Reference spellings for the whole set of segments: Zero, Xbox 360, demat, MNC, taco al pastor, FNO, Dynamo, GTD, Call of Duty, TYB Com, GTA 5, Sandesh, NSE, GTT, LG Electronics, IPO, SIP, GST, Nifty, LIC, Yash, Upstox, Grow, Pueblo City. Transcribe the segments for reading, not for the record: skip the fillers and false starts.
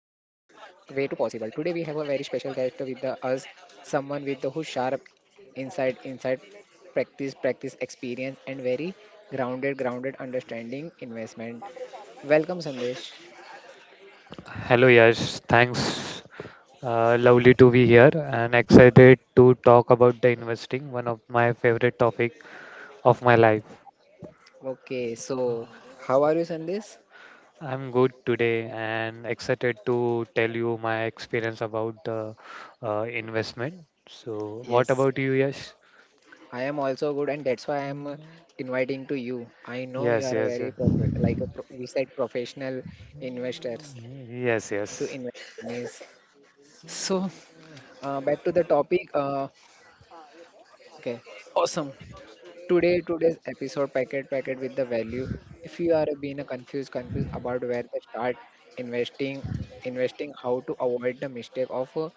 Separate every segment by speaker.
Speaker 1: way to possible. Today we have a very special guest with us, someone with the who sharp inside practice experience and very grounded understanding investment. Welcome, Sandesh.
Speaker 2: Hello, Yash. Thanks. Lovely to be here and excited to talk about the investing, one of my favorite topic of my life.
Speaker 1: Okay, so how are you, Sandesh?
Speaker 2: I'm good today and excited to tell you my experience about the, investment. So, what
Speaker 1: Yes.
Speaker 2: about you, Yash?
Speaker 1: I am also good, and that's why I am inviting to you. I know you
Speaker 2: Yes,
Speaker 1: are a
Speaker 2: yes,
Speaker 1: very
Speaker 2: yes.
Speaker 1: we said professional investors
Speaker 2: Yes,
Speaker 1: to
Speaker 2: yes.
Speaker 1: invest monies. So back to the topic. Okay, awesome. Today's episode packet with the value. If you are being a confused about where to start investing, investing, how to avoid the mistake of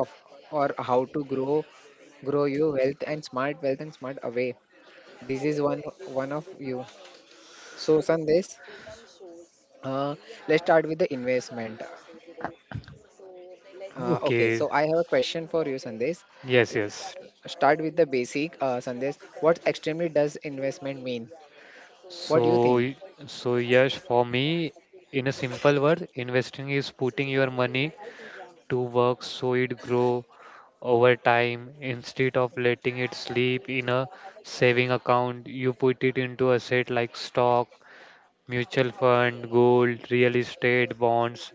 Speaker 1: of or how to grow your wealth and smart away. This is one of you. So, Sandesh, uh, let's start with the investment. Okay,
Speaker 2: Okay.
Speaker 1: so I have a question for you, Sandesh.
Speaker 2: Yes, yes.
Speaker 1: Start with the basic, Sandesh. What extremely does investment mean? What do you
Speaker 2: So,
Speaker 1: think?
Speaker 2: y- so yes, for me, in a simple word, investing is putting your money to work so it grow over time instead of letting it sleep in a saving account. You put it into asset like stock, mutual fund, gold, real estate, bonds.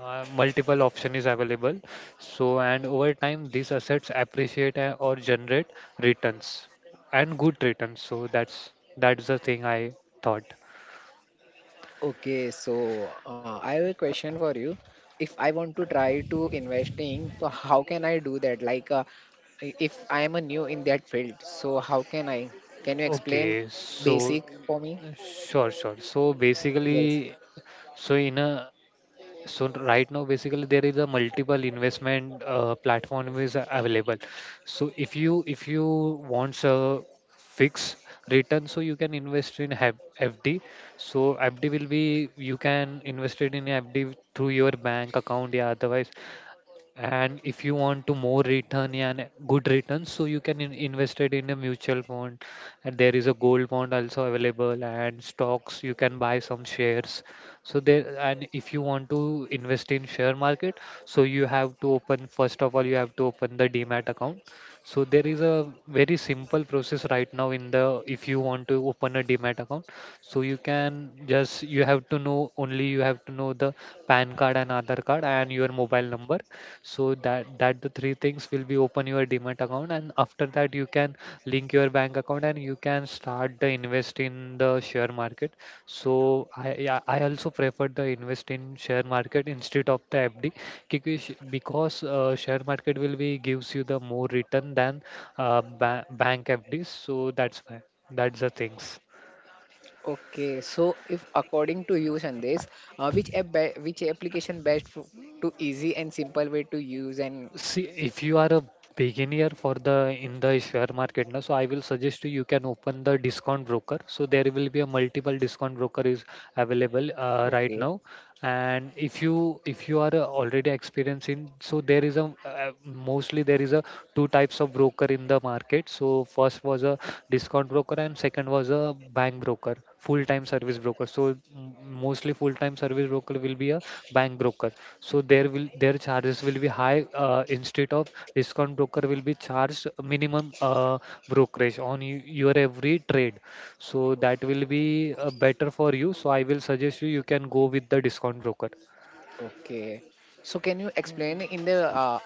Speaker 2: Multiple option is available. So, and over time, these assets appreciate, or generate returns and good returns. So that's the thing I thought.
Speaker 1: Okay, so I have a question for you. If I want to try to investing, so how can I do that? Like, if I am a new in that field, so how can I? Can you explain
Speaker 2: Okay. So
Speaker 1: basic for me?
Speaker 2: sure, sure. So
Speaker 1: Yes.
Speaker 2: basically, so in a so right now, basically, there is a multiple investment, platform is available. So if you want a fixed return, so you can invest in FD. So FD will be, you can invest it in FD through your bank account, yeah. Otherwise, and if you want to more return, yeah, and good returns, so you can invest it in a mutual fund. And there is a gold bond also available, and stocks you can buy some shares. So there, and if you want to invest in share market, so you have to open first of all you have to open the demat account. So there is a very simple process right now in the, if you want to open a demat account, so you can just, you have to know the pan card and other card and your mobile number. So that the three things will be open your demat account. And after that, you can link your bank account, and you can start the invest in the share market. So I, yeah, I also prefer the invest in share market instead of the FD. क्योंकि because, share market will be gives you the more return than, bank FDs. So that's the things.
Speaker 1: Okay, so if according to you, Sandesh, which application best for, to easy and simple way to use and
Speaker 2: See, if you are a beginner for the in the share market now, so I will suggest you can open the discount broker. So there will be a multiple discount broker is available,
Speaker 1: okay,
Speaker 2: right now. And if you are, already experienced in, so there is a, mostly there is a two types of broker in the market. So first was a discount broker, and second was a bank broker, full time service broker. So mostly full time service broker will be a bank broker. So there will their charges will be high, instead of discount broker will be charged minimum, brokerage on your every trade. So that will be, better for you. So I will suggest you can go with the discount broker.
Speaker 1: okay. So can you explain in the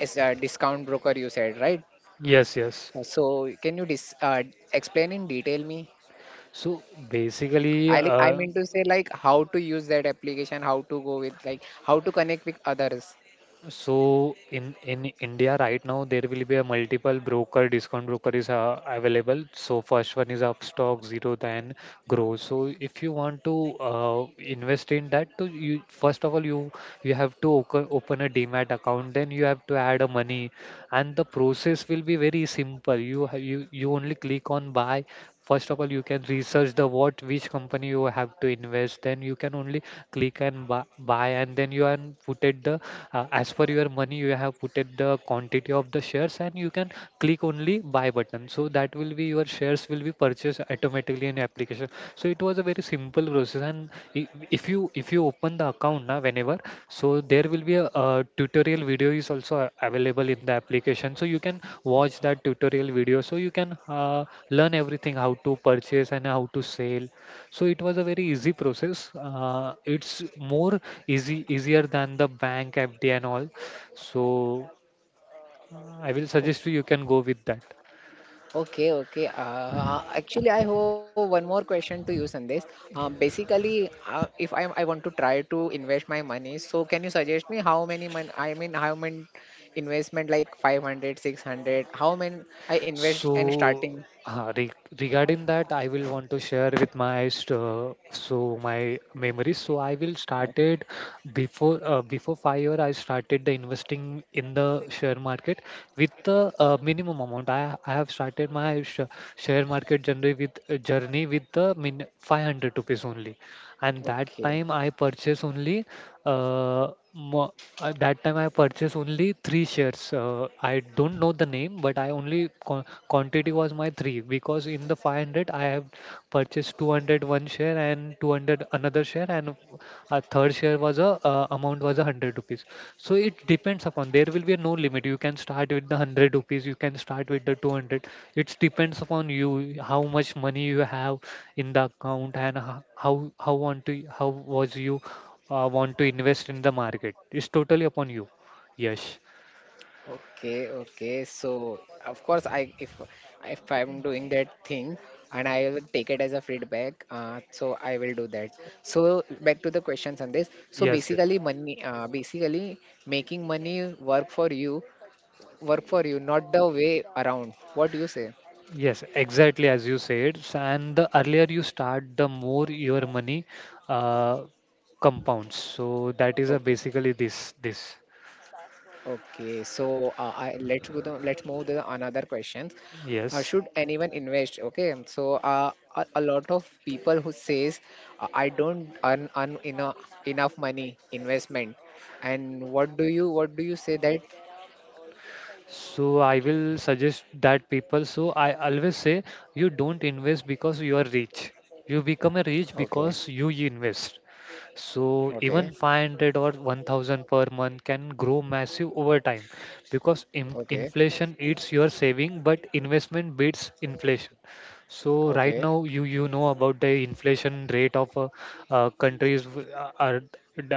Speaker 1: as a discount broker you said, right?
Speaker 2: Yes, yes.
Speaker 1: So can you dis explain in detail me?
Speaker 2: So basically,
Speaker 1: I like I mean to say like how to use that application, how to go with like how to connect with others.
Speaker 2: so in India right now there will be a multiple broker, discount broker is, available. So first one is Upstox, Zero, then Grow. So if you want to, invest in that, to you first of all you have to open a Demat account. Then you have to add a money, and the process will be very simple. You ha- you only click on buy. First of all, you can research the what which company you have to invest. Then you can only click and buy, and then you can put it the, as per your money you have put it the quantity of the shares, and you can click only buy button. So that will be your shares will be purchased automatically an application. So it was a very simple process, and i- if you open the account now, whenever. So there will be a, tutorial video is also available in the application. So you can watch that tutorial video, so you can, learn everything, how to purchase and how to sell. So it was a very easy process. It's more easy easier than the bank FD and all. So, I will suggest you can go with that.
Speaker 1: Okay, okay. Actually, I have one more question to you, Sandesh. Basically, if I want to try to invest my money, so can you suggest me how many mon I mean, how many investment like 500, 600? How many I invest and
Speaker 2: So,
Speaker 1: starting?
Speaker 2: re regarding that, I will want to share with my, so my memories. So I will
Speaker 1: Yeah.
Speaker 2: started, before 5 year. I started the investing in the share market with the, minimum amount. I have started my share market journey, with the min 500 rupees only. And that time I
Speaker 1: Okay.
Speaker 2: purchased only, uh, three shares. I don't know the name, but I only quantity was my three, because in the 500 I have purchased 201 share and 200 another share, and a third share was a, amount was a 100 rupees. So it depends upon there will be no limit. You can start with the 100 rupees, you can start with the 200. It depends upon you how much money you have in the account, and how want to, how was you want to invest in the market. It's totally upon you. Yes,
Speaker 1: Okay, okay. So of course, I if I'm doing that thing and I will take it as a feedback, so I will do that. So back to the questions on this. So
Speaker 2: yes. Yes,
Speaker 1: basically, money, basically making money work for you, not the way around. What do you say?
Speaker 2: yes. Exactly as you said, and the earlier you start, the more your money, uh, compounds. So that is a
Speaker 1: Okay.
Speaker 2: basically this.
Speaker 1: Okay, so I let's go down. Let's move to the another question.
Speaker 2: Yes.
Speaker 1: Should anyone invest? Okay, so a lot of people who says I don't earn enough money investment, and what do you say that?
Speaker 2: So I will suggest that people. So I always say, you don't invest because you are rich. You become a rich
Speaker 1: Okay,
Speaker 2: because you invest. So
Speaker 1: okay,
Speaker 2: even 500 or 1,000 per month can grow massive over time, because in
Speaker 1: okay,
Speaker 2: inflation eats your saving, but investment beats inflation. So right
Speaker 1: okay.
Speaker 2: now you know about the inflation rate of, countries are are, d-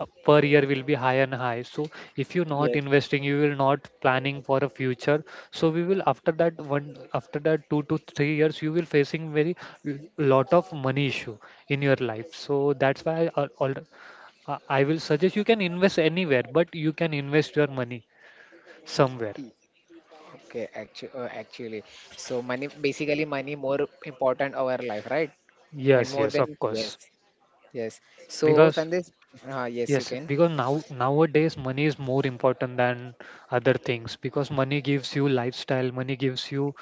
Speaker 2: uh, per year will be high and high. So if you're not
Speaker 1: Yes.
Speaker 2: investing, you will not planning for a future. So we will, after that one, after that 2 to 3 years you will facing very lot of money issue in your life. So that's why, I will suggest you can invest anywhere, but you can invest your money somewhere.
Speaker 1: y- Okay, actually, so money basically money more important our life, right? And
Speaker 2: Yes,
Speaker 1: more
Speaker 2: yes, of
Speaker 1: than yes,
Speaker 2: course,
Speaker 1: yes. So
Speaker 2: because
Speaker 1: Sandesh, yes,
Speaker 2: yes,
Speaker 1: you can.
Speaker 2: because nowadays money is more important than other things, because money gives you lifestyle, money gives you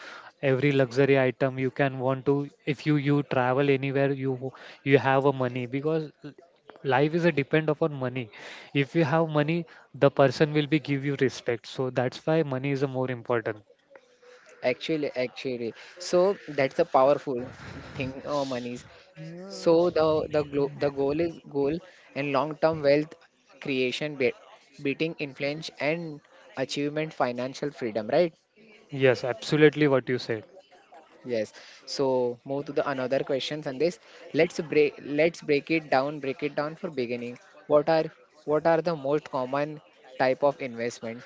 Speaker 2: every luxury item you can want to. If you travel anywhere, you have a money, because life is a depend upon money. If you have money, the person will be give you respect. So that's why money is a more important.
Speaker 1: Actually, actually, so that's a powerful thing. Monies.
Speaker 2: Mm.
Speaker 1: So the goal and long-term wealth creation, be beating influence and achievement, financial freedom, right?
Speaker 2: Yes, absolutely what you said.
Speaker 1: Yes. So move to the another question, Sandesh. Let's break it down. Break it down for beginning. What are what are the most common type of investment?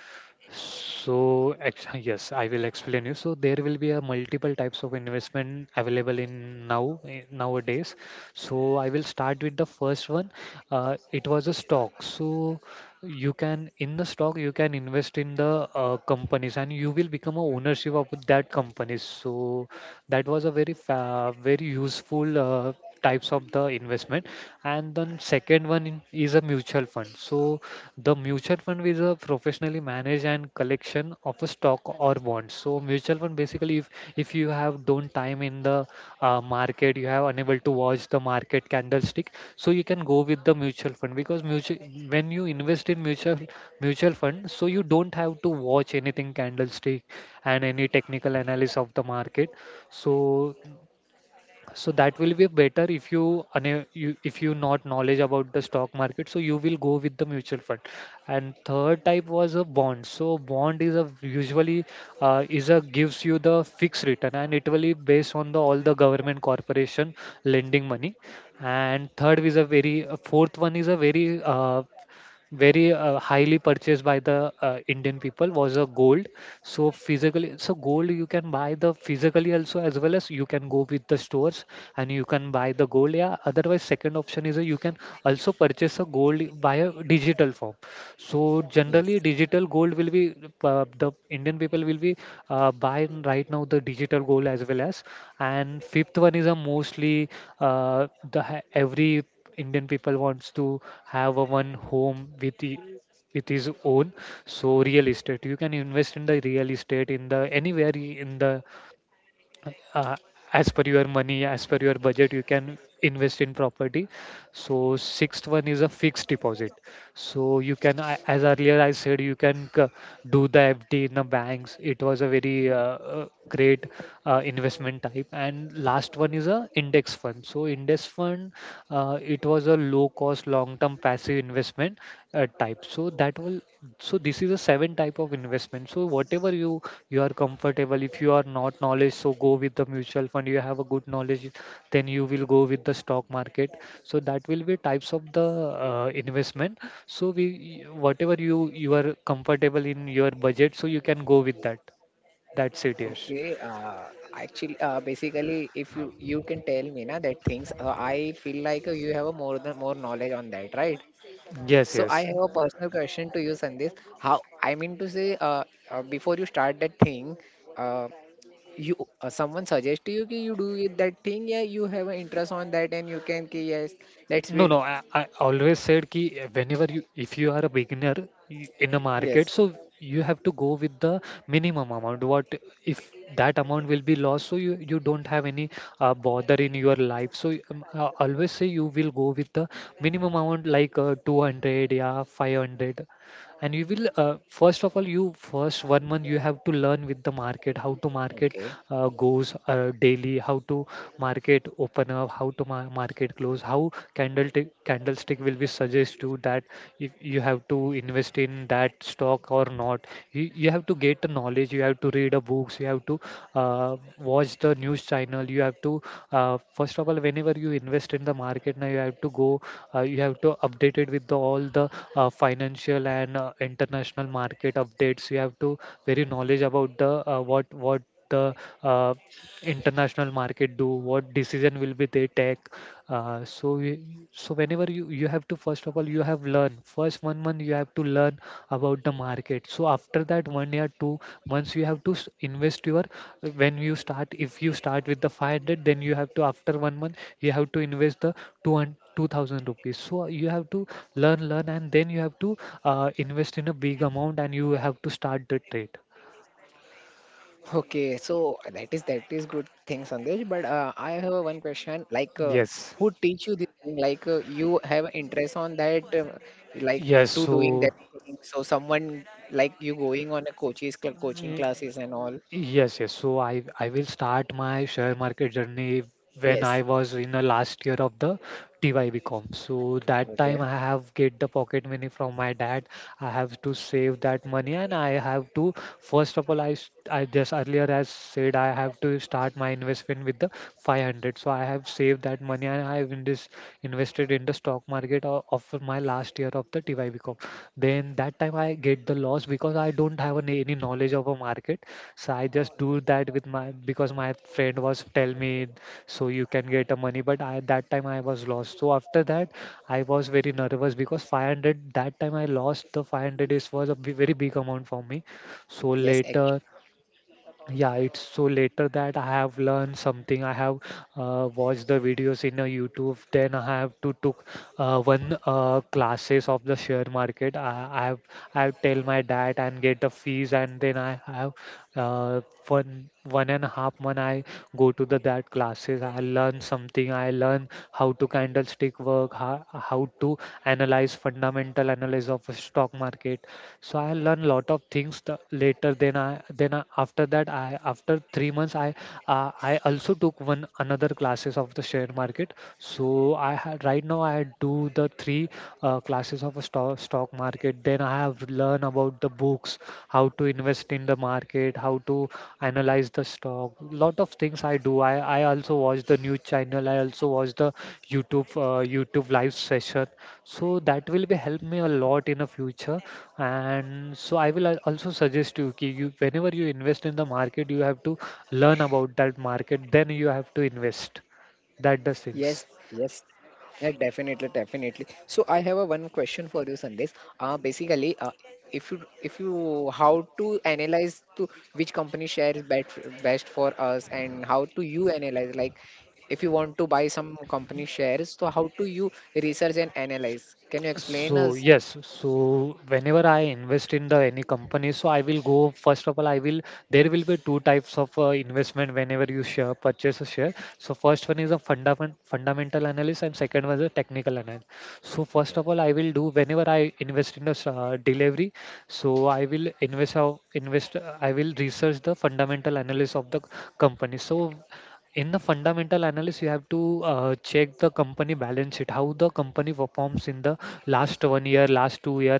Speaker 2: So, yes, I will explain you. So there will be a multiple types of investment available in, nowadays. So I will start with the first one. It was a stock. So you can in the stock you can invest in the, companies, and you will become a ownership of that companies. So that was a very fa very useful, types of the investment. And then second one, is a mutual fund. So the mutual fund is a professionally managed and collection of a stock or bonds. So mutual fund basically, if you have don't time in the, market, you have unable to watch the market candlestick, so you can go with the mutual fund, because mutual when you invest in mutual fund, so you don't have to watch anything candlestick and any technical analysis of the market. So so that will be better if you if you not knowledge about the stock market, so you will go with the mutual fund. And third type was a bond. So bond is a usually, is a gives you the fixed return, and it will be based on the all the government corporation lending money. And third is a very fourth one is a very, highly purchased by the, Indian people was a gold. So physically, so gold you can buy the physically also, as well as you can go with the stores and you can buy the gold. Yeah. Otherwise, second option is, you can also purchase a gold via digital form. So
Speaker 1: Yes.
Speaker 2: generally, digital gold will be, the Indian people will be, buying right now the digital gold as well as. And fifth one is a mostly every Indian people wants to have a one home with the with his own. So real estate, you can invest in the real estate in the anywhere in the uh, as per your money, as per your budget you can invest in property. So sixth one is a fixed deposit. So you can as earlier I said, you can do the fd in the banks. It was a very great investment type. And last one is a index fund. So index fund it was a low cost long term passive investment type, so that will this is a seven type of investment. So whatever you are comfortable, if you are not knowledge so go with the mutual fund. You have a good knowledge, then you will go with the stock market. So that will be types of the investment. So we whatever you are comfortable in your budget, so you can go with that. That's it, Yash.
Speaker 1: Okay, actually, basically, if you can tell me na that things, I feel like you have a more than more knowledge on that, right?
Speaker 2: Yes,
Speaker 1: So I
Speaker 2: yes.
Speaker 1: have a personal question to you, Sandesh. How I mean to say, before you start that thing, uh, you someone suggest to you कि you do it, that thing, yeah, you have an interest on that, and you can, कि yes, let's
Speaker 2: No,
Speaker 1: be,
Speaker 2: no. I always said ki whenever you, if you are a beginner in a market,
Speaker 1: yes,
Speaker 2: so you have to go with the minimum amount. What if that amount will be lost? So you don't have any bother in your life. So I always say you will go with the minimum amount like 200, yeah, 500. And you will first of all you first 1 month you have to learn with the market. How to market
Speaker 1: okay.
Speaker 2: goes daily, how to market open up, how to market close, how candlestick will be suggest you that if you have to invest in that stock or not. You have to get a knowledge, you have to read a books, you have to uh, watch the news channel, you have to first of all whenever you invest in the market now you have to go, you have to update it with the all the financial and international market updates. You have to very knowledge about the what the uh, international market do, what decision will be they take. So so whenever you have to first of all you have learn first 1 month you have to learn about the market. So after that 1 year 2 months you have to invest your, when you start, if you start with the 500, then you have to after 1 month you have to invest the 200 2000 rupees. So you have to learn and then you have to invest in a big amount, and you have to start the trade.
Speaker 1: Okay, so that is good thing, Sandesh. But I have a one question. Like,
Speaker 2: Yes,
Speaker 1: who teach you this thing? Like, you have interest on that, like
Speaker 2: yes.
Speaker 1: to doing
Speaker 2: So
Speaker 1: that thing. So someone like you going on a coaching
Speaker 2: eh,
Speaker 1: classes and all.
Speaker 2: yes, yes. So I will start my share market journey when I
Speaker 1: Yes.
Speaker 2: was in the last year of the TYB Com. So that time
Speaker 1: Okay.
Speaker 2: I have get the pocket money from my dad. I have to save that money, and I have to first of all I just earlier as said I have to start my investment with the 500. So I have saved that money and I have in this invested in the stock market of my last year of the TYB Com. Then that time I get the loss because I don't have any knowledge of a market. So I just do that with my because my friend was tell me so you can get a money, but I that time I was lost. So after that I was very nervous because 500, that time I lost the 500, is was a very big amount for me. So
Speaker 1: Yes,
Speaker 2: later, yeah, it's so later that I have learned something. I have watched the videos in a youtube, then I have to took one classes of the share market. I have I have tell my dad and get the fees, and then I have uh, 1.5 month I go to the that classes. I learn something, I learn how to candlestick work, how to analyze fundamental analysis of a stock market. So I learn lot of things the, later then I then after that I after 3 months I I also took one another classes of the share market. So I had right now I do the three classes of a stock market. Then I have learned about the books, how to invest in the market, how to analyze the stock. Lot of things I do I also watch the news channel. I also watch the youtube live session. So that will be help me a lot in the future. And so I will also suggest you ki you whenever you invest in the market, you have to learn about that market, then you have to invest. That does
Speaker 1: yes,
Speaker 2: things.
Speaker 1: yes. Yeah, definitely, definitely. So I have a one question for you, Sandesh. Basically, if you how to analyze to which company share is best for us, and how to you analyze like if you want to buy some company shares, so how do you research and analyze? Can you explain
Speaker 2: So
Speaker 1: us?
Speaker 2: yes, so whenever I invest in the any company, so I will go first of all I will, there will be two types of investment whenever you share purchase a share. So first one is a fundamental analysis and second one is a technical analysis. So first of all I will do whenever I invest in a delivery, so I will invest how invest I will research the fundamental analysis of the company. So in the fundamental analysis, you have to check the company balance sheet, how the company performs in the last 1 year last 2 year.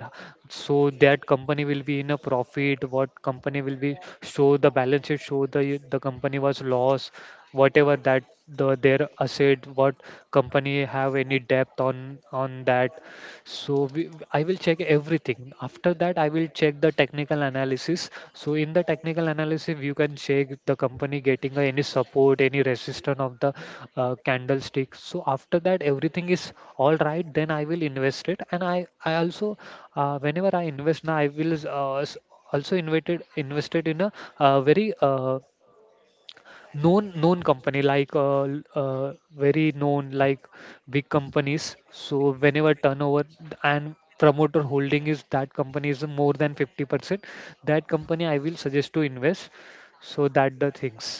Speaker 2: So that company will be in a profit, what company will be show the balance sheet, show the company was loss, whatever that the their asset, what company have any debt on that. So I will check everything. After that I will check the technical analysis. So in the technical analysis, you can check the company getting any support, any resistance of the candlestick. So after that everything is all right, then I will invest it. And I also whenever I invest now I will also invested in a very known company like very known, like big companies. So whenever turnover and promoter holding is that company is more than 50%, that company I will suggest to invest. So that the things.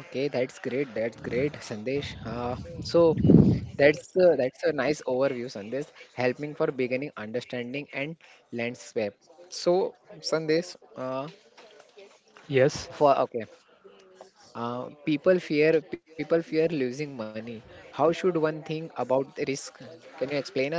Speaker 1: Okay, that's great. That's great, Sandesh. So that's a nice overview, Sandesh, helping for beginning understanding and landscape. So, Sandesh,
Speaker 2: Yes.
Speaker 1: for okay, people fear losing money. How should one think about the risk? Can you explain us?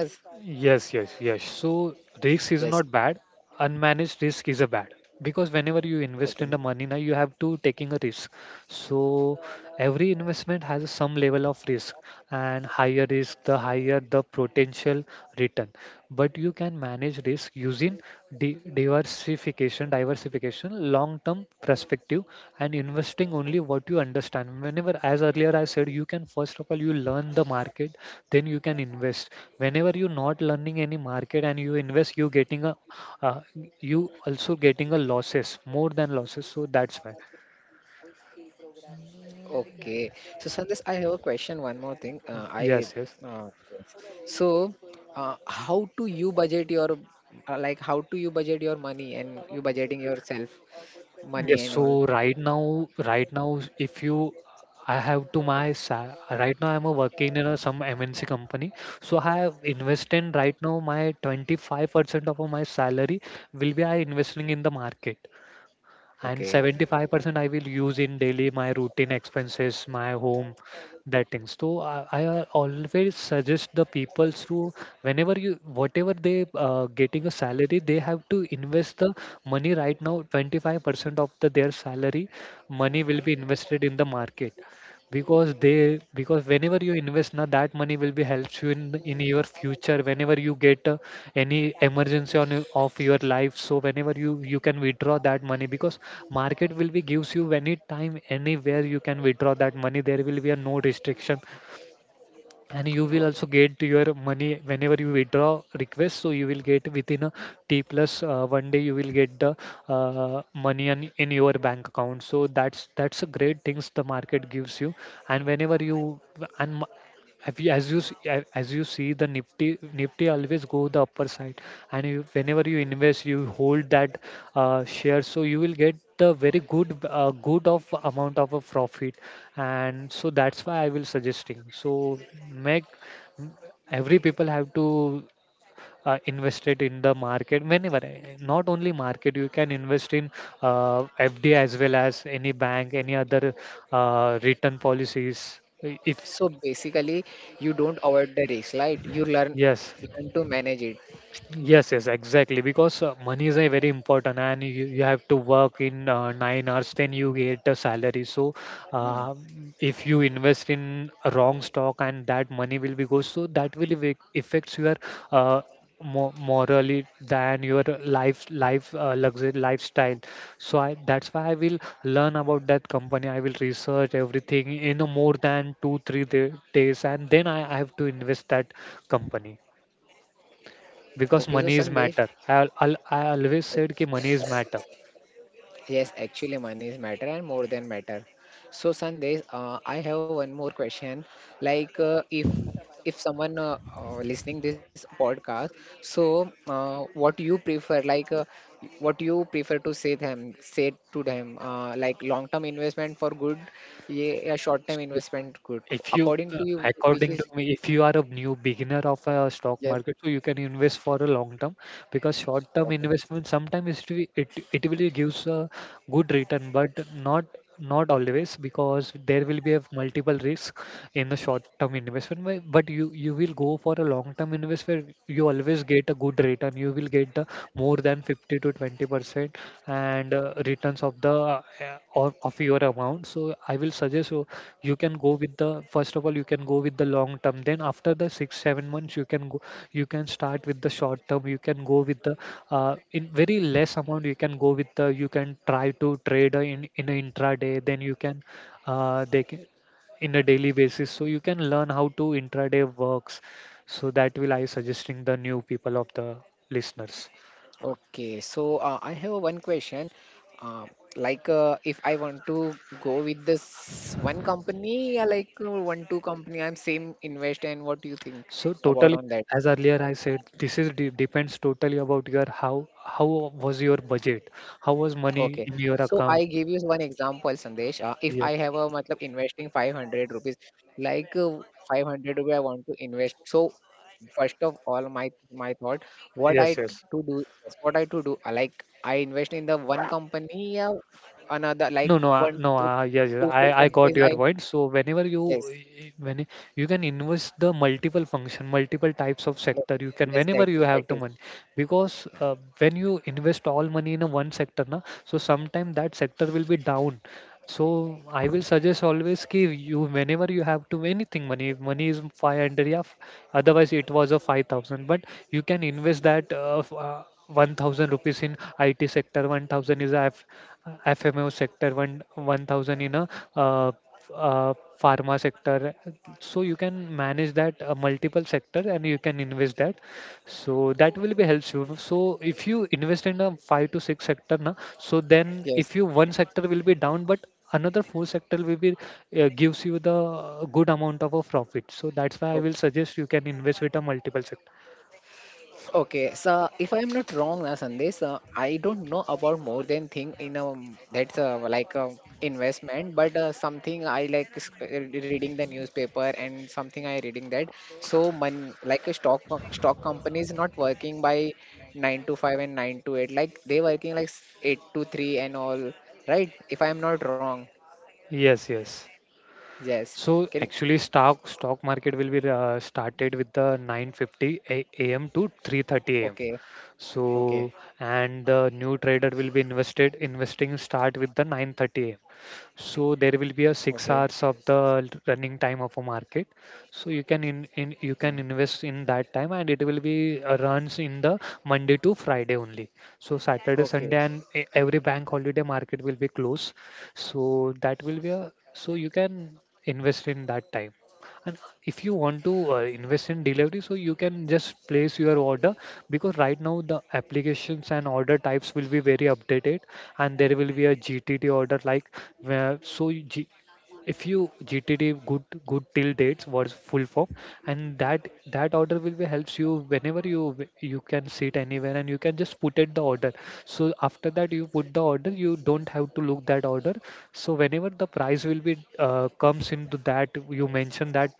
Speaker 2: Yes, yes, yes. So risk
Speaker 1: Yes.
Speaker 2: is not bad. Unmanaged risk is a bad, because whenever you invest in
Speaker 1: Okay.
Speaker 2: the money now, you have to taking a risk. So every investment has some level of risk, and higher risk, the higher the potential return. But you can manage risk using di diversification, long-term perspective, and investing only what you understand. Whenever, as earlier I said, you can first of all you learn the market, then you can invest. Whenever you're not learning any market and you invest, you getting a uh, you also getting a losses more than losses, so that's why.
Speaker 1: Okay. So, Sandesh, I have a question. One more thing. I
Speaker 2: Yes, yes,
Speaker 1: uh, so. How do you budget your like how do you budget your money and you budgeting yourself money
Speaker 2: yes.
Speaker 1: and
Speaker 2: So
Speaker 1: all
Speaker 2: right now if you, I have to right now I'm a working in a some MNC company. So I have invested right now my 25% of my salary will be I investing in the market, and
Speaker 1: okay.
Speaker 2: 75% I will use in daily my routine expenses, my home, that things. So I always suggest the people through whenever you whatever they getting a salary, they have to invest the money right now. 25% of the their salary money will be invested in the market, because they because whenever you invest now that money will be helps you in your future whenever you get a any emergency on of your life. So whenever you can withdraw that money, because market will be gives you any time anywhere you can withdraw that money. There will be a no restriction, and you will
Speaker 1: Oh,
Speaker 2: also get your money whenever you withdraw request. So you will get within a t plus 1 day, you will get the money in your bank account. So that's a great things the market gives you. And whenever and m- have you, as as you see, the Nifty always go the upper side, and whenever you invest, you hold that share, so you will get the very good good of amount of a profit, and so that's why I will suggesting. So make every people have to invest it in the market whenever eh, not only market you can invest in uh, fd as well as any bank, any other return policies. Eh, if
Speaker 1: so basically you don't avoid the risk right you learn
Speaker 2: yes.
Speaker 1: learn to manage it.
Speaker 2: Yes, yes, exactly. Because money is a very important, and you have to work in 9 hours, then you get a salary. So,
Speaker 1: Hmm.
Speaker 2: uh, if you invest in a wrong stock and that money will be goes, so that will affects your uh, mo morally than your life life luxury lifestyle. So that's why I will learn about that company. I will research everything in a more than two three days, and then I have to invest that company,
Speaker 1: Okay, so
Speaker 2: because money is
Speaker 1: Sandesh,
Speaker 2: matter. I always said कि money is matter.
Speaker 1: yes, actually, money is matter and more than matter. So, Sandesh, I have one more question. Like, if someone listening this podcast, so what you prefer? Like, what you prefer to say them? Say to them, like long term investment for good, yeah, short term
Speaker 2: So,
Speaker 1: investment good.
Speaker 2: If you,
Speaker 1: According to you, which
Speaker 2: according to
Speaker 1: is
Speaker 2: me, if you are a new beginner of a stock
Speaker 1: yes,
Speaker 2: market, so you can invest for a long term, because short term
Speaker 1: okay.
Speaker 2: investment sometimes it will gives a good return, but not not always, because there will be a multiple risk in the short term investment. But you will go for a long term investment, you always get a good return. You will get the more than 50 to 20% and returns of the of your amount. So I will suggest you, can go with the first of all, you can go with the long term, then after the 6 7 months you can start with the short term, you can go with the in very less amount, you can go with the, you can try to trade in an intraday, then you can they can in a daily basis, so you can learn how to intraday works. So that will I suggesting the new people of the listeners.
Speaker 1: Okay, so I have one question. Uh, like, if I want to go with this one company, yeah, like one two company, I'm same invest. And what do you think
Speaker 2: So
Speaker 1: about
Speaker 2: totally,
Speaker 1: on that?
Speaker 2: as earlier I said, this is de depends totally about your how was your budget, how was money
Speaker 1: Okay.
Speaker 2: in your
Speaker 1: So I
Speaker 2: account.
Speaker 1: give you one example, Sandesh. If I
Speaker 2: Yeah.
Speaker 1: have a matlab investing 500 rupees, like 500 rupees I want to invest. So first of all, my thought, what I
Speaker 2: Yes, yes.
Speaker 1: to do is what I to do. Like I invest in the one company, another
Speaker 2: No,
Speaker 1: like
Speaker 2: no,
Speaker 1: one
Speaker 2: no.
Speaker 1: two
Speaker 2: Yes, yes,
Speaker 1: two
Speaker 2: I
Speaker 1: four
Speaker 2: I got
Speaker 1: companies.
Speaker 2: your
Speaker 1: I
Speaker 2: point. So whenever you
Speaker 1: yes,
Speaker 2: y- when y- you can invest the multiple function, multiple types of sector, you can,
Speaker 1: yes,
Speaker 2: whenever
Speaker 1: that's
Speaker 2: you
Speaker 1: it, that
Speaker 2: have the
Speaker 1: is
Speaker 2: money, because when you invest all money in a one sector, na, so sometime that sector will be down. So I will suggest always ki you whenever you have to anything money, if money is 500, yeah, otherwise it was a 5,000, but you can invest that 1,000 rupees in IT sector, 1,000 is a F, uh, sector, one 1,000 in a uh, f- uh, pharma sector, so you can manage that multiple sector and you can invest that, so that will be helps you. So if you invest in a five to six sector, na, so then
Speaker 1: yes.
Speaker 2: if you one sector will be down, but another four sector will be gives you the good amount of a profit. So that's why I will suggest you can invest with a multiple sector.
Speaker 1: Okay, so if I'm not wrong, Sandesh, I don't know about more than thing in that's like investment, but something I like is, reading the newspaper and something I reading that. So mon like a stock company is not working by nine to five and nine to eight. Like they working like eight to three and all, right? If I'm not wrong,
Speaker 2: Yes, yes.
Speaker 1: yes.
Speaker 2: So
Speaker 1: Can
Speaker 2: actually, stock market will be started with the 9:50 a.m. to 3:30 a.m.
Speaker 1: okay, okay,
Speaker 2: So, and the new trader will be invested investing start with the 9:30 a.m., so there will
Speaker 1: okay,
Speaker 2: be a 6 hours of the running time of a market, so you can, in
Speaker 1: hmm.
Speaker 2: you can invest in that time, and it will be runs in the Monday to Friday only. So Saturday, Sunday
Speaker 1: Okay.
Speaker 2: and every bank holiday market will be closed, so that will be a so you can invest in that time, and if you want to invest in delivery, so you can just place your order, because right now the applications and order types will be very updated, and there will be a GTT order. Like where so you, G, If you GTD, good till dates was full form, and that order will be helps you whenever you can sit anywhere and you can just put it the order. So after that you put the order, you don't have to look that order. So whenever the price will be comes into that you mention, that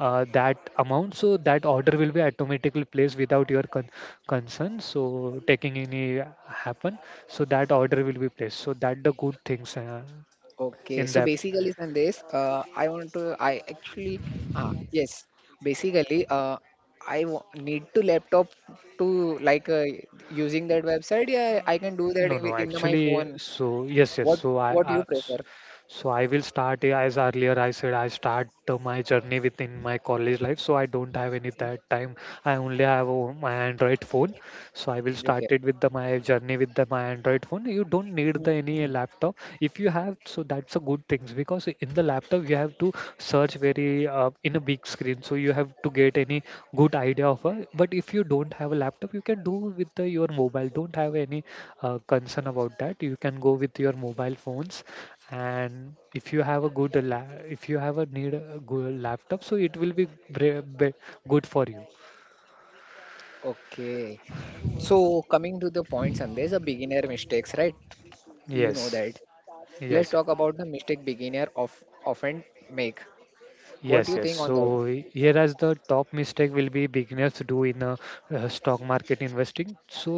Speaker 2: uh, that amount, so that order will be automatically placed without your concern, so taking any happen, so that order will be placed, so that the good things
Speaker 1: Okay,
Speaker 2: in
Speaker 1: so
Speaker 2: depth.
Speaker 1: basically, Sandesh, I want to, I actually, ah, yes, basically, I w need to laptop to like using that website. Yeah, I can do that
Speaker 2: No,
Speaker 1: in,
Speaker 2: no,
Speaker 1: in the, my
Speaker 2: actually.
Speaker 1: phone.
Speaker 2: So yes, yes.
Speaker 1: What
Speaker 2: So
Speaker 1: what you prefer?
Speaker 2: so I will start, as earlier I said, I start my journey within my college life. So I don't have any that time. I only have my Android phone. So I will start
Speaker 1: Okay.
Speaker 2: it with the my journey with the my Android phone. You don't need the
Speaker 1: Mhm.
Speaker 2: any laptop. If you have, so that's a good things, because in the laptop you have to search very in a big screen. So you have to get any good idea of a. But if you don't have a laptop, you can do with the, your mobile. Don't have any concern about that, you can go with your mobile phones, and if you have a good if you have a need a good laptop, so it will be good for you.
Speaker 1: Okay. So coming to the points, Sandesh, a beginner mistakes, right? You know
Speaker 2: Yes,
Speaker 1: that. Let's
Speaker 2: yes,
Speaker 1: talk about the mistake beginner of often make. What
Speaker 2: yes,
Speaker 1: do you
Speaker 2: yes.
Speaker 1: think
Speaker 2: So
Speaker 1: on that?
Speaker 2: here as the top mistake will be beginners do in a, stock market investing, so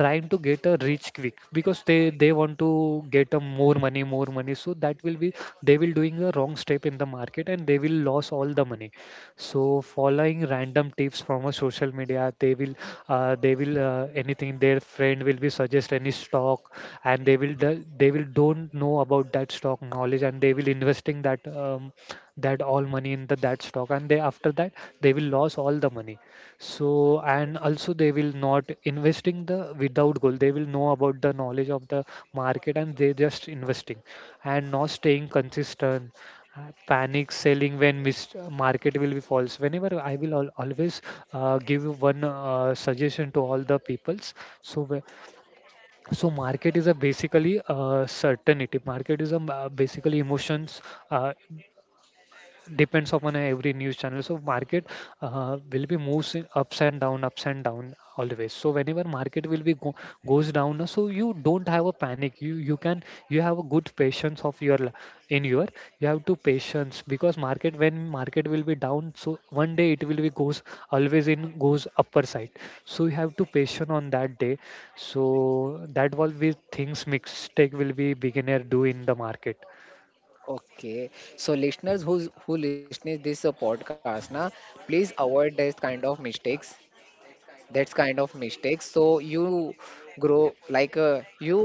Speaker 2: trying to get a rich quick, because they want to get a more money, more money, so that will be, they will doing a wrong step in the market and they will lose all the money. So following random tips from a social media, they will anything their friend will be suggest any stock, and they will don't know about that stock knowledge, and they will investing that all money in the that stock, and they after that they will lose all the money. So and also they will not investing the without goal, they will know about the knowledge of the market, and they just investing, and not staying consistent, panic selling when market will be false, whenever I will always give you one suggestion to all the peoples. So so market is a basically certainty, market is a basically emotions, uh, depends upon every news channel, so market will be moves in ups and down, ups and down always. So whenever market will be goes down, na, so you don't have a panic, you have a good patience of your, li- in your you have to patience, because market when market will be down, so one day it will be goes always in goes upper side, so you have to patient on that day. So that will be things mistake will be beginner do in the market.
Speaker 1: Okay, so listeners who's who listening this podcast na, please avoid this kind of mistakes. That's kind of mistakes. So you grow like you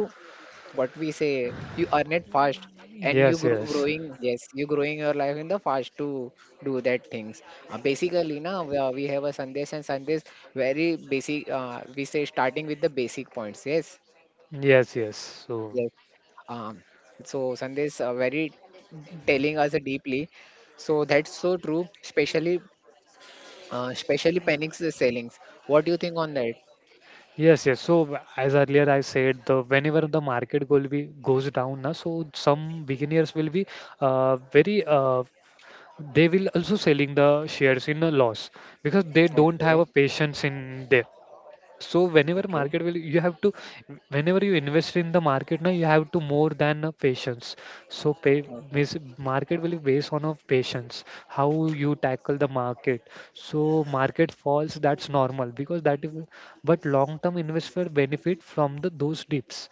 Speaker 1: what we say you earn it fast and you
Speaker 2: Yes,
Speaker 1: grow,
Speaker 2: yes,
Speaker 1: growing yes you growing your life in the fast to do that things. Basically na, we have a Sandesh and Sandesh very basic, we say starting with the basic points, yes,
Speaker 2: yes, yes. So
Speaker 1: yes. um so Sandesh very telling us deeply. So that's so true, especially panics the sellings. What do you think on that?
Speaker 2: Yes, yes. So as earlier I said, the whenever the market will be goes down, na, so some beginners will be very, they will also selling the shares in a loss, because they don't have
Speaker 1: Okay,
Speaker 2: a patience in there. So
Speaker 1: okay,
Speaker 2: whenever you invest in the market now, you have to more than a patience. So
Speaker 1: okay.
Speaker 2: means market will be based on of patience, how you tackle the market, so market falls, that's normal because that is, but long term investor benefit from the those dips,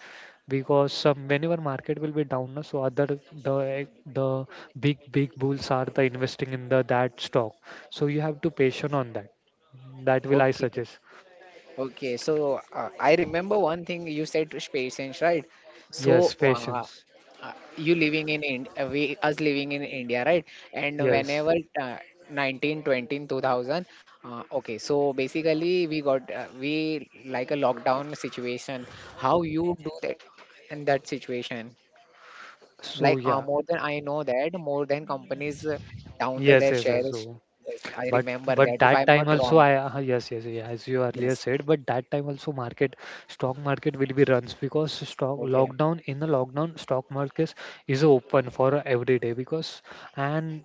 Speaker 2: because some whenever market will be down, na, so other the big bulls are the investing in the that stock, so you have to patient on that, that will I
Speaker 1: Okay.
Speaker 2: suggest.
Speaker 1: Okay, so I remember one thing you said to patience, right? So
Speaker 2: Yes, patience.
Speaker 1: you living in Ind we us living in India, right? And
Speaker 2: Yes.
Speaker 1: whenever uh, 19, 20, 2000, okay, so basically we got we like a lockdown situation. How you do that in that situation?
Speaker 2: So
Speaker 1: Like
Speaker 2: yeah.
Speaker 1: more than I know that more than companies down the,
Speaker 2: Yes,
Speaker 1: their
Speaker 2: yes, yes.
Speaker 1: shares.
Speaker 2: So
Speaker 1: Yes, I
Speaker 2: But
Speaker 1: remember that
Speaker 2: but
Speaker 1: if
Speaker 2: that
Speaker 1: I'm
Speaker 2: time
Speaker 1: not
Speaker 2: also
Speaker 1: wrong.
Speaker 2: I yes, yes, yeah, as you earlier
Speaker 1: Yes.
Speaker 2: said, but that time also market stock market will be runs, because stock
Speaker 1: Okay.
Speaker 2: lockdown in the lockdown stock market is open for every day, because and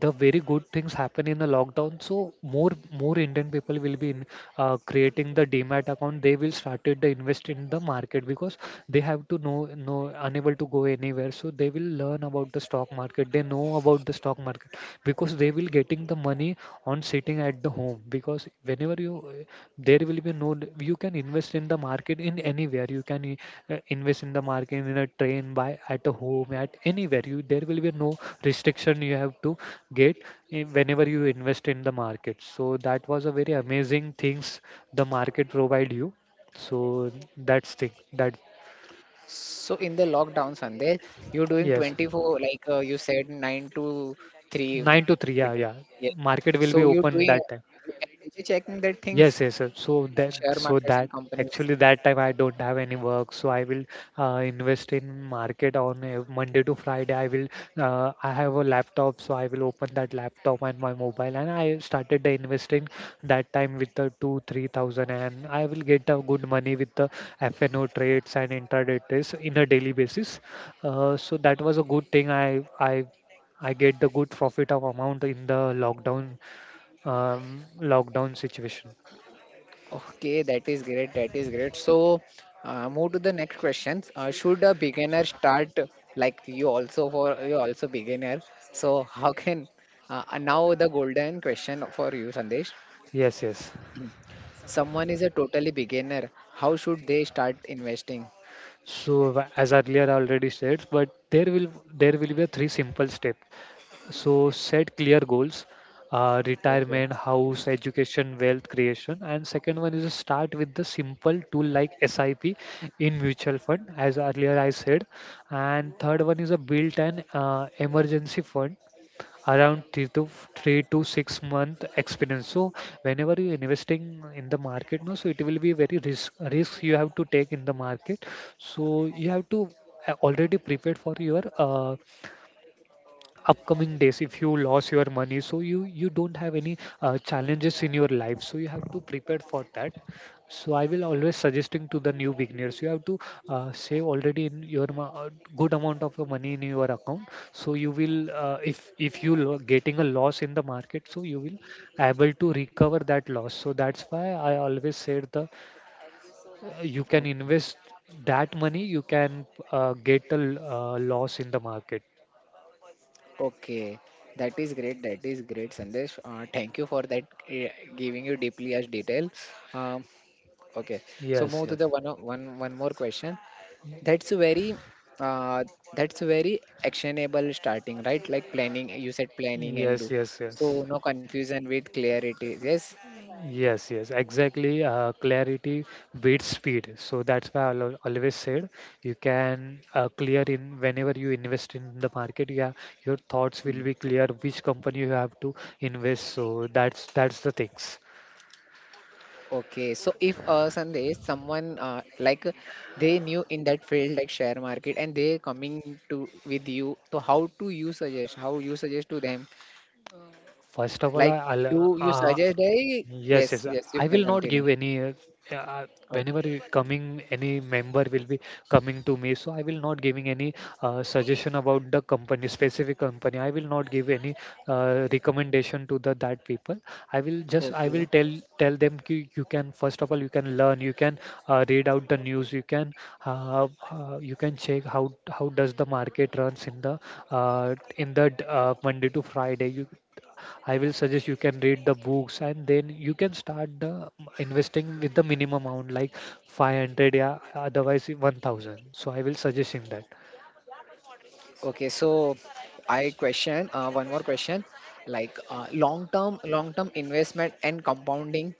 Speaker 2: the very good things happen in the lockdown, so more Indian people will be in creating the demat account, they will started the invest in the market, because they have to know unable to go anywhere, so they will learn about the stock market, they know about the stock market, because they will getting the money on sitting at the home. Because whenever you there will be no you can invest in the market in anywhere, you can invest in the market in a train, by, at a home, at anywhere, you there will be no restriction, you have to get, whenever you invest in the market, so that was a very amazing things the market provide you, so that's thing that.
Speaker 1: So in the lockdown, Sandesh, you're doing
Speaker 2: Yes.
Speaker 1: 24, like you said, 9 to 3
Speaker 2: 9 to 3, yeah,
Speaker 1: between.
Speaker 2: yeah.
Speaker 1: Yeah.
Speaker 2: Market will be
Speaker 1: So you're
Speaker 2: open
Speaker 1: doing
Speaker 2: that time.
Speaker 1: you every day checking the things
Speaker 2: Yes, yes, sir. So
Speaker 1: and
Speaker 2: that,
Speaker 1: share markets and companies.
Speaker 2: actually that time I don't have any work, so I will invest in market on a Monday to Friday. I have a laptop, so I will open that laptop and my mobile, and I started the investing that time with the two, 3,000, and I will get a good money with the FNO trades and intraday trades in a daily basis. So that was a good thing. I get the good profit of amount in the lockdown, situation.
Speaker 1: Okay, that is great. That is great. So move to the next questions. Should a beginner start like you also for you also beginner? So how can now the golden question for you, Sandesh?
Speaker 2: Yes, yes.
Speaker 1: Someone is a totally beginner. How should they start investing?
Speaker 2: So as earlier I already said, but there will be a three simple step. So set clear goals,
Speaker 1: Okay.
Speaker 2: retirement, house, education, wealth creation, and second one is to start with the simple tool like SIP in mutual fund, as earlier I said, and third one is a built an emergency fund around three to six month experience. So whenever you investing in the market, no, so it will be very risk you have to take in the market. So you have to already prepared for your upcoming days. If you lose your money, so you don't have any challenges in your life, so you have to prepare for that. So I will always suggesting to the new beginners, you have to save already in your good amount of your money in your account, so you will if getting a loss in the market, so you will able to recover that loss. So that's why I always said the you can
Speaker 1: Oh,
Speaker 2: invest that money you can loss in the market.
Speaker 1: okay, that is great. That is great, Sandesh. Thank you for that, uh, giving you deeply as detail. Um, okay, so
Speaker 2: Yes,
Speaker 1: move to
Speaker 2: yes.
Speaker 1: the one more question. That's very, uh, that's very actionable starting, right? Like planning. You said planning and
Speaker 2: Yes,
Speaker 1: do.
Speaker 2: yes,
Speaker 1: So
Speaker 2: yes.
Speaker 1: no confusion with clarity. Yes.
Speaker 2: Yes, yes, exactly. Clarity beats speed. So that's why I always said you can clear in whenever you invest in the market, yeah, your thoughts
Speaker 1: Hmm.
Speaker 2: will be clear which company you have to invest. So that's the things.
Speaker 1: Okay, so if Sandesh, someone like they new in that field like share market and they coming to with you, so how to you suggest? How you suggest to them?
Speaker 2: First of all,
Speaker 1: Like, do you suggest? Hey,
Speaker 2: yes, yes.
Speaker 1: yes, yes, you
Speaker 2: I
Speaker 1: can
Speaker 2: will not
Speaker 1: continue.
Speaker 2: give any. Uh,
Speaker 1: O-
Speaker 2: Whenever you coming, any member will be coming to me, so I will not giving any suggestion about the company, specific company. I will not give any recommendation to the that people. I will just I will
Speaker 1: Okay,
Speaker 2: tell tell them ki you can first of all you can learn, you can read out the news, you can check how does the market runs in the Monday to Friday. You I will suggest you can read the books, and then you can start the investing with the minimum amount like 500, yeah, otherwise 1000. So I will suggest him that.
Speaker 1: Okay, so I question one more question, like long term, long term investment, and compounding.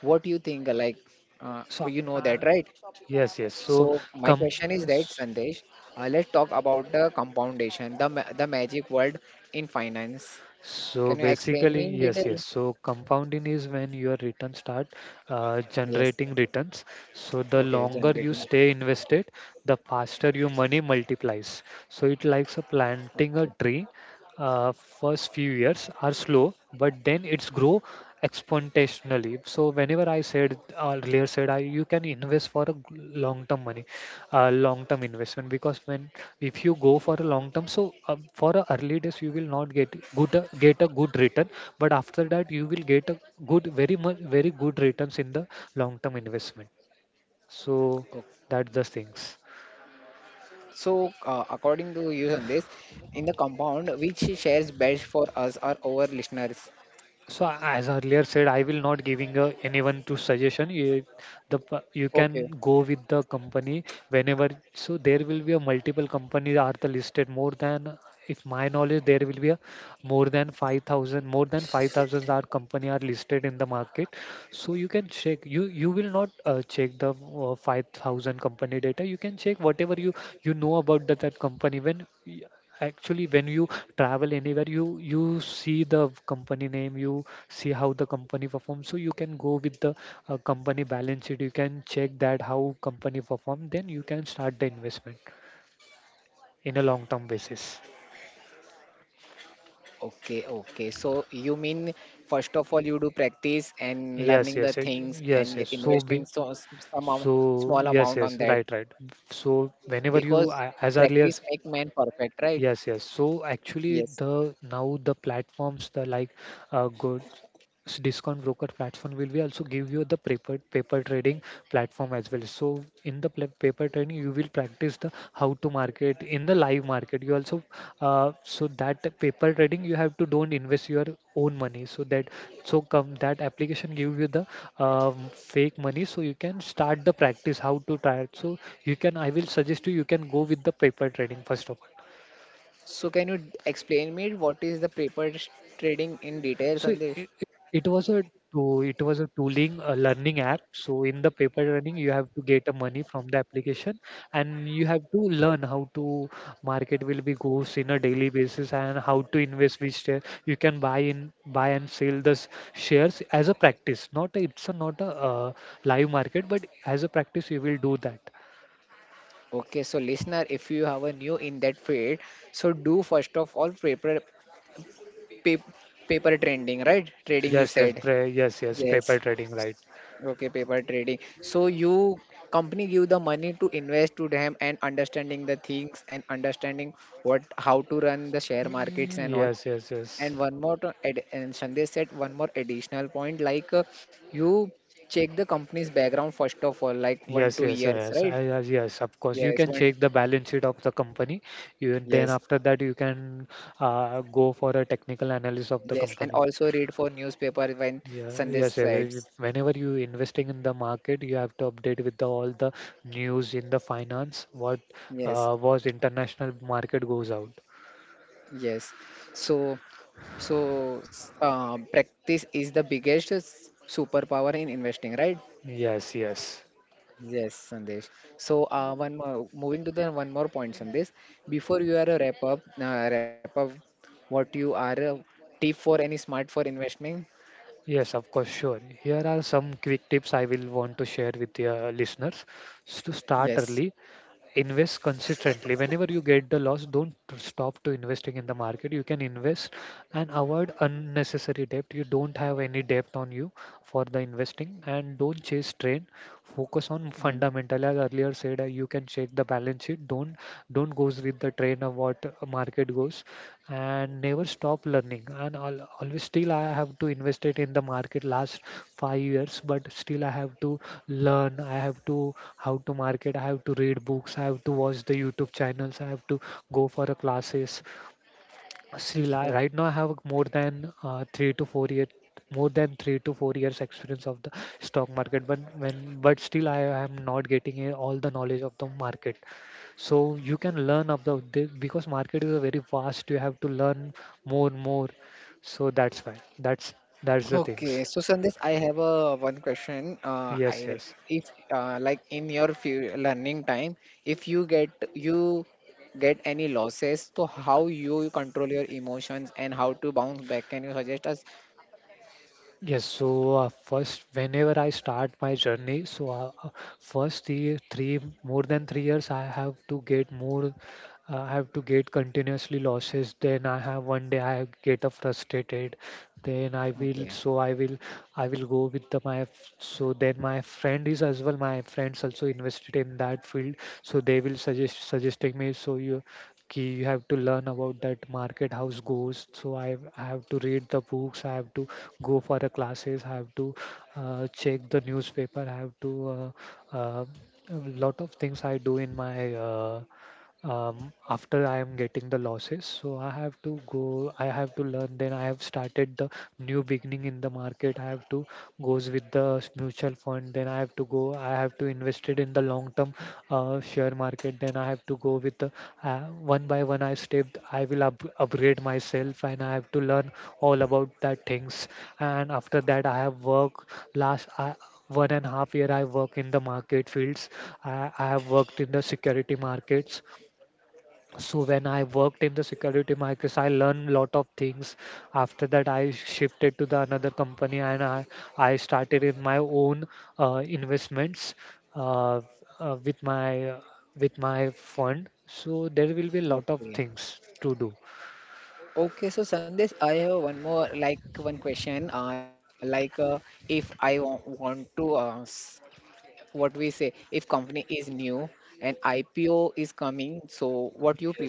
Speaker 1: What do you think?
Speaker 2: So
Speaker 1: You know that, right?
Speaker 2: yes yes so
Speaker 1: So my
Speaker 2: come
Speaker 1: question is that, Sandesh, let's talk about the compoundation, the magic word in finance.
Speaker 2: so
Speaker 1: Can you explain
Speaker 2: basically,
Speaker 1: me in
Speaker 2: yes,
Speaker 1: detail?
Speaker 2: yes. So compounding is when your returns start
Speaker 1: Yes.
Speaker 2: generating returns. So the
Speaker 1: Okay,
Speaker 2: longer you
Speaker 1: generating.
Speaker 2: stay invested, the faster your money multiplies. So it likes a
Speaker 1: Okay.
Speaker 2: planting a tree. First few years are slow, but then it's grow exponentially. So whenever I said earlier said I you can invest for a long term money, long term investment. Because when if you go for a long term, so for a early days you will not get good get a good return, but after that you will get a good very much very good returns in the long term investment. So
Speaker 1: Okay.
Speaker 2: that's the things.
Speaker 1: So according to you, Sandesh, in the compound, which shares best for us or our listeners?
Speaker 2: So as earlier said, I will not giving anyone to suggestion you, you
Speaker 1: Okay.
Speaker 2: can go with the company whenever. So there will be a multiple companies are the listed more than, if my knowledge there will be a more than 5000 are company are listed in the market. So you can check, you will not check the 5000 company data. You can check whatever you you know about that company. When y- actually when you travel anywhere, you see the company name, you see how the company performs. So you can go with the company balance sheet, you can check that how company perform, then you can start the investment in a long term basis.
Speaker 1: Okay, okay. So you mean first of all you do practice and
Speaker 2: Yes,
Speaker 1: learning
Speaker 2: yes,
Speaker 1: the
Speaker 2: eh,
Speaker 1: things
Speaker 2: yes,
Speaker 1: and
Speaker 2: yes, so we
Speaker 1: investing so
Speaker 2: so
Speaker 1: small
Speaker 2: yes,
Speaker 1: amount on
Speaker 2: yes,
Speaker 1: that
Speaker 2: right, right. So whenever you
Speaker 1: because
Speaker 2: as earlier…
Speaker 1: practice make man perfect, right?
Speaker 2: Yes, yes. So actually,
Speaker 1: Yes.
Speaker 2: the now the platforms, the like good discount broker platform will be also give you the paper trading platform as well. So in the paper trading, you will practice the how to market in the live market. You also so that paper trading, you have to don't invest your own money. So that so come that application give you the fake money, so you can start the practice how to try it. So you can I will suggest you you can go with the paper trading first of all.
Speaker 1: So can you explain me what is the trading in detail,
Speaker 2: So
Speaker 1: Sandesh?
Speaker 2: it was a to it was a tooling a learning app. So in the paper running, you have to get a money from the application, and you have to learn how to market will be goes in a daily basis, and how to invest which share you can buy in buy and sell the shares as a practice. Not a, it's a, not a uh, live market, but as a practice you will do that.
Speaker 1: Okay, so listener, if you have a new in that field, so do first of all paper, paper trading, right? Trading you
Speaker 2: Yes, yes,
Speaker 1: said.
Speaker 2: yes, yes, paper
Speaker 1: Yes.
Speaker 2: trading, right?
Speaker 1: Okay, paper trading. So you company give the money to invest to them and understanding the things and understanding what how to run the share
Speaker 2: Mm,
Speaker 1: markets and all.
Speaker 2: yes, yes, yes.
Speaker 1: And one more to add, and Sandesh said one more additional point like you check the company's background first of all, like one
Speaker 2: Yes,
Speaker 1: two
Speaker 2: yes,
Speaker 1: years,
Speaker 2: yes,
Speaker 1: right?
Speaker 2: yes. Of course, you
Speaker 1: Yes,
Speaker 2: can
Speaker 1: one
Speaker 2: check the balance sheet of the company. You then
Speaker 1: yes,
Speaker 2: after that you can go for a technical analysis of the
Speaker 1: yes, and
Speaker 2: company.
Speaker 1: also read for newspaper when
Speaker 2: Yeah,
Speaker 1: Sandesh
Speaker 2: yes, yes.
Speaker 1: says
Speaker 2: Whenever you investing in the market, you have to update with the, all the news in the finance. What
Speaker 1: yes.
Speaker 2: was international market goes out.
Speaker 1: Yes. So, so, practice is the biggest superpower in investing, right?
Speaker 2: Yes, yes.
Speaker 1: Yes, Sandesh. So, one more, moving to the one more point, Sandesh. Before you are a wrap up, what you are a tip for any smart for investment?
Speaker 2: Yes, of course, sure. Here are some quick tips I will want to share with your listeners. So to start
Speaker 1: Yes.
Speaker 2: early, invest consistently. Whenever you get the loss, don't stop to investing in the market, you can invest. And avoid unnecessary debt, you don't have any debt on you for the investing. And don't chase trend, focus on
Speaker 1: Mm.
Speaker 2: fundamental. As earlier said, you can check the balance sheet. Don't goes with the trend of what market goes. And never stop learning. And al always still I have to invest it in the market last 5 years, but still I have to learn, I have to how to market, I have to read books, I have to watch the YouTube channels, I have to go for a classes.
Speaker 1: Ok-
Speaker 2: Right now I have more than 3 to 4 year, more than 3 to 4 years experience of the stock market. But when, but still I am not getting all the knowledge of the market. So you can learn of because market is a very vast, you have to learn more. So that's why that's that's the things.
Speaker 1: Okay, so Sandesh, I have a one question.
Speaker 2: Yes, yes.
Speaker 1: If like in your few learning time, if you get any losses, so how you control your emotions and how to bounce back? Can you suggest us?
Speaker 2: Yes, so first, whenever I start my journey, so first the three more than 3 years, I have to get more, I have to get continuously losses. Then I have one day I get frustrated. Then
Speaker 1: Okay,
Speaker 2: I will go with the, so then my friend is as well. My friends also invested in that field, so they will suggesting me. So you, कि you have to learn about that market house goes. So I have to read the books, I have to go for the classes, I have to check the newspaper, I have to uh, uh, a lot of things I do in my after I am getting the losses. So I have to go, I have to learn. Then I have started the new beginning in the market. I have to goes with the mutual fund. Then I have to go, I have to invested in the long term share market. Then I have to go with the uh, one by one I step I will upgrade myself, and I have to learn all about that things. And after that I have worked last 1.5 years I work in the market fields. I have worked in the security markets. So when I worked in the security markets, I learned a lot of things. After that, I shifted to the another company, and I started in my own investments uh, uh, with my with my fund. So there will be a lot of
Speaker 1: okay,
Speaker 2: things to do.
Speaker 1: okay. So Sandesh, I have one more one question. Like if I want to what we say, if company is new and IPO is coming, so what you prefer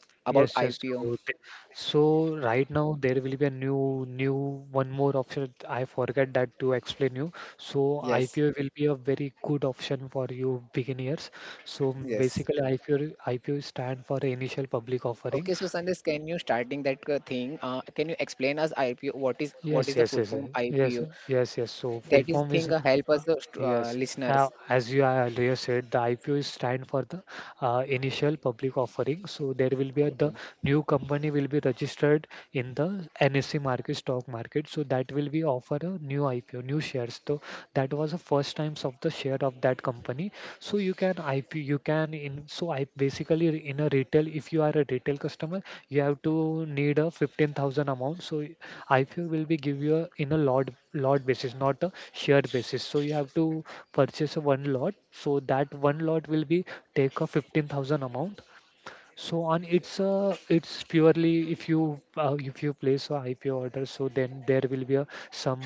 Speaker 1: about
Speaker 2: Yes, yes.
Speaker 1: IPO?
Speaker 2: So, so right now there will be a new one more option. I forget that to explain you. So
Speaker 1: Yes,
Speaker 2: IPO will be a very good option for you beginners. So
Speaker 1: yes.
Speaker 2: basically, IPO stand for initial public offering.
Speaker 1: Okay, so Sandesh, can you starting that thing? Can you explain us IPO? What is what
Speaker 2: Yes,
Speaker 1: is the
Speaker 2: yes,
Speaker 1: full
Speaker 2: yes,
Speaker 1: form
Speaker 2: yes, yes,
Speaker 1: IPO?
Speaker 2: yes, yes. So full
Speaker 1: That is
Speaker 2: form is,
Speaker 1: thing help us
Speaker 2: yes,
Speaker 1: listeners.
Speaker 2: as you earlier said, the IPO is stand for the initial public offering. So there will be a, the
Speaker 1: Okay.
Speaker 2: new company will be registered in the NSE market, stock market. So that will be offer a new IPO, new shares. So that was the first times of the share of that company. So you can IPO, you can in so I basically in a retail, if you are a retail customer, you have to need a 15,000 amount. So IPO will be give you a, in a lot basis, not a share basis. So you have to purchase a one lot. So that one lot will be take a 15,000 amount. So on, it's a it's purely if you place a IPO order, so then there will be a some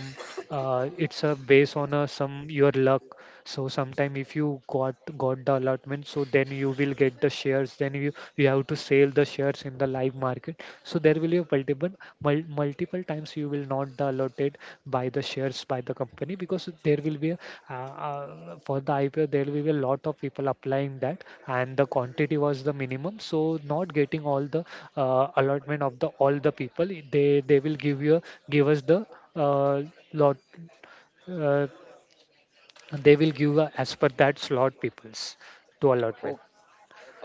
Speaker 2: it's a based on some your luck. So sometime if you got the allotment, so then you will get the shares. Then you have to sell the shares in the live market. So there will be a multiple multiple times you will not the allotted by the shares by the company, because there will be a, for the IPO there will be a lot of people applying that, and the quantity was the minimum, so not getting all the allotment of the all the people. They will give us the lot uh, they will give as per that slot peoples to allotment.
Speaker 1: O-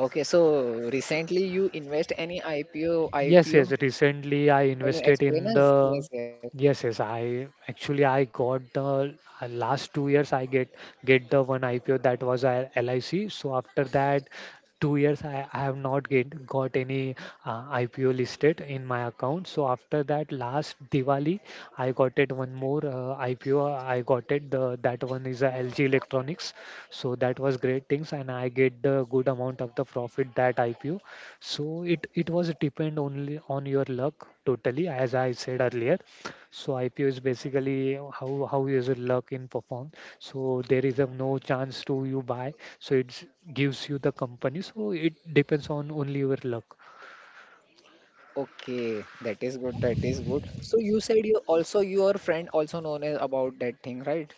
Speaker 1: okay. So recently you invest any IPO?
Speaker 2: Yes,
Speaker 1: IPO?
Speaker 2: yes. Recently, I
Speaker 1: Can you
Speaker 2: invested
Speaker 1: explain
Speaker 2: in
Speaker 1: us?
Speaker 2: the.
Speaker 1: Yes, yes.
Speaker 2: Yes, yes. I actually I got the last 2 years I get the one IPO, that was a LIC. So after that, 2 years I have not get got any IPO listed in my account. So after that, last Diwali I got it one more IPO. I got it. The that one is a LG Electronics. So that was great things, and I get the good amount of the profit that IPO. So it was depend only on your luck totally, as I said earlier. So IPO is basically how is your luck in perform. So there is a no chance to you buy. So it gives you the company. So it depends on only your luck.
Speaker 1: Okay, that is good. That is good. So you said you also your friend also known as about that thing, right?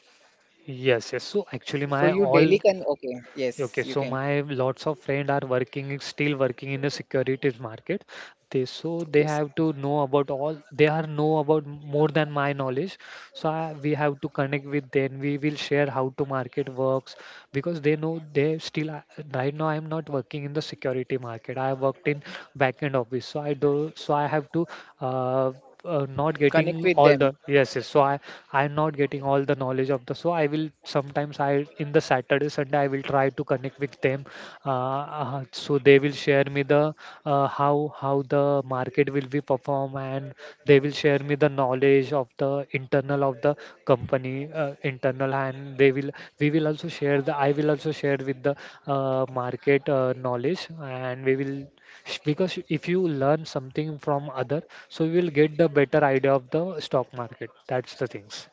Speaker 2: Yes, yes. So actually,
Speaker 1: So
Speaker 2: my
Speaker 1: you daily
Speaker 2: all.
Speaker 1: can. Okay. Yes,
Speaker 2: Okay,
Speaker 1: you
Speaker 2: so
Speaker 1: can.
Speaker 2: my lots of friend are working, still working in the securities market. They, so they
Speaker 1: Okay.
Speaker 2: have to know about all. They are know about more than my knowledge. So we have to connect with them. We will share how to market works, because they know they right now I am not working in the security market. I have worked in back end office, so I do so I have to uh, not
Speaker 1: Connect
Speaker 2: getting
Speaker 1: with
Speaker 2: all
Speaker 1: them.
Speaker 2: the. Yes, yes. So I'm not getting all the knowledge of the. So I will sometimes I in the Saturday Sunday I will try to connect with them, so they will share me the how the market will be perform, and they will share me the knowledge of the internal of the company, internal, and they will we will also share the I will also share with the market knowledge, and we will because if you learn something from other, so you will get the better idea of the stock market. That's the things.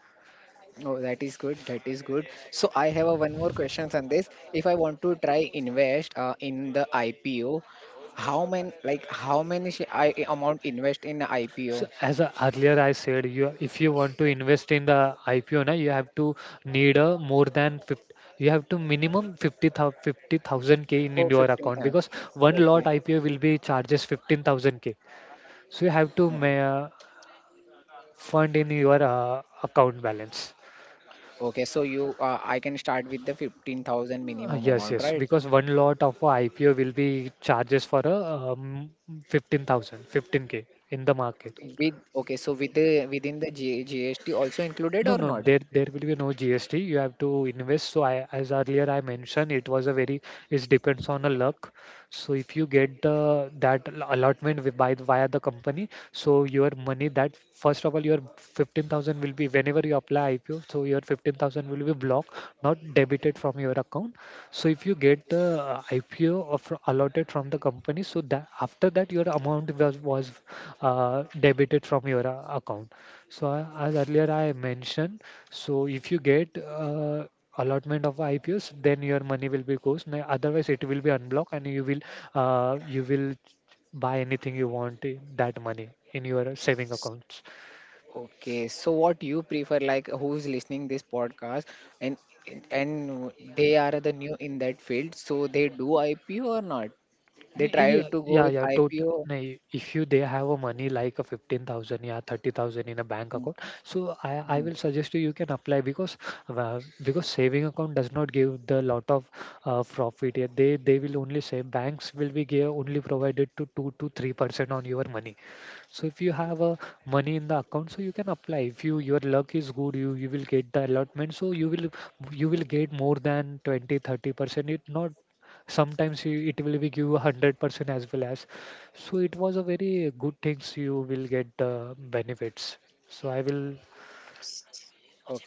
Speaker 1: Oh, that is good. That is good. So I have a one more question on this. If I want to try invest in the IPO, how many like how many sh- I amount invest in
Speaker 2: So
Speaker 1: IPO?
Speaker 2: as a, earlier I said, you if you want to invest in the IPO, na, you have to need a more than 50, you have to minimum 50,000 50,000 K
Speaker 1: Oh,
Speaker 2: in your
Speaker 1: 15.
Speaker 2: account because one
Speaker 1: Okay.
Speaker 2: lot IPO will be charges 15,000 K. So you have to
Speaker 1: Mm.
Speaker 2: ma fund in your account balance.
Speaker 1: Okay, so you I can start with the 15,000 minimum
Speaker 2: Yes,
Speaker 1: amount,
Speaker 2: yes,
Speaker 1: right?
Speaker 2: because one lot of a IPO will be charges for a 15,000, k in the market.
Speaker 1: With okay, so with the within the G GST also included
Speaker 2: No,
Speaker 1: or
Speaker 2: no,
Speaker 1: not?
Speaker 2: there will be no GST. You have to invest. So I, as earlier I mentioned, it was a very it depends on the luck. So if you get the allotment with, by the- via the company, so your money that first of all your 15,000 will be whenever you apply IPO, so your 15,000 will be blocked, not debited from your account. So if you get the IPO of, allotted from the company, so that after that your amount was debited from your account. So as earlier I mentioned, so if you get allotment of IPOs, then your money will be goes. Na- Otherwise, it will be unblocked, and you will buy anything you want in that money in your saving accounts.
Speaker 1: Okay, so what you prefer, like who's listening this podcast and and they are the new in that field, so they do IPO or not? They
Speaker 2: Nahi,
Speaker 1: try
Speaker 2: yeah,
Speaker 1: to go
Speaker 2: yeah,
Speaker 1: with
Speaker 2: yeah, total.
Speaker 1: IPO.
Speaker 2: Nahi, if you they have a money like a 15,000, yeah, 30,000 in a bank
Speaker 1: Hmm,
Speaker 2: account, so I
Speaker 1: hmm,
Speaker 2: will suggest you you can apply because saving account does not give the lot of profit. Yeah, they will only say banks will be give only provided to 2 to 3% on your money. So if you have a money in the account, so you can apply. If you your luck is good, you will get the allotment. So you will get more than 20 30%. It not sometimes you, it will be give 100% as well as so it was a very good things, you will get benefits, so I will.
Speaker 1: Okay,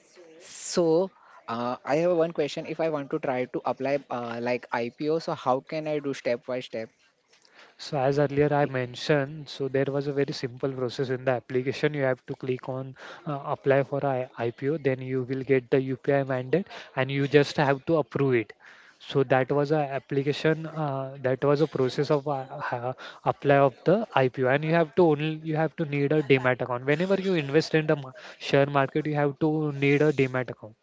Speaker 1: so I have one question. If I want to try to apply like IPO, so how can I do step by step?
Speaker 2: So as earlier I
Speaker 1: Y-
Speaker 2: mentioned, so there was a very simple process in the application. You have to click on apply for I IPO, then you will get the UPI mandate, and you just have to approve it. So that was a application. That was a process of apply of the IPO, and you have to only you have to need a demat account. Whenever you invest in the share market, you have to need a demat account.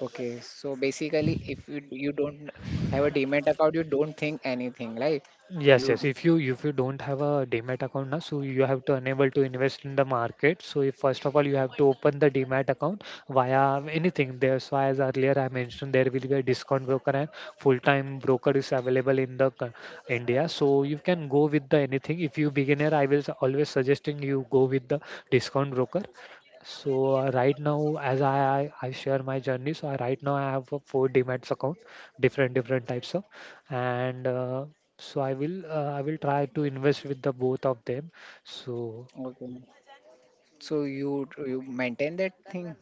Speaker 1: Okay, so basically, if you don't have a demat account, you don't think anything, like
Speaker 2: Yes,
Speaker 1: you.
Speaker 2: yes. If you don't have a Demat account now, so you have to unable to invest in the market. So if first of all you have to open the Demat account via anything. That's why as earlier I mentioned there will be a discount broker and full-time broker is available in the India. So you can go with the anything. If you beginner, I will always suggesting you go with the discount broker. So right now, as I share my journey, so I right now I have a four Demat account, different different types of, and so I will try to invest with the both of them. So
Speaker 1: Okay. So you maintain that thing,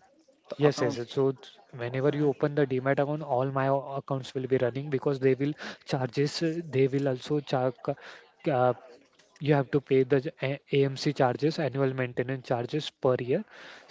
Speaker 1: the
Speaker 2: yes, yes.
Speaker 1: accounts
Speaker 2: Yes. So it's-
Speaker 1: all the
Speaker 2: whenever you
Speaker 1: time.
Speaker 2: open the Demat account, all my accounts will be running because they will charges they will also charge uh, you have to pay the AMC charges, annual maintenance charges per year.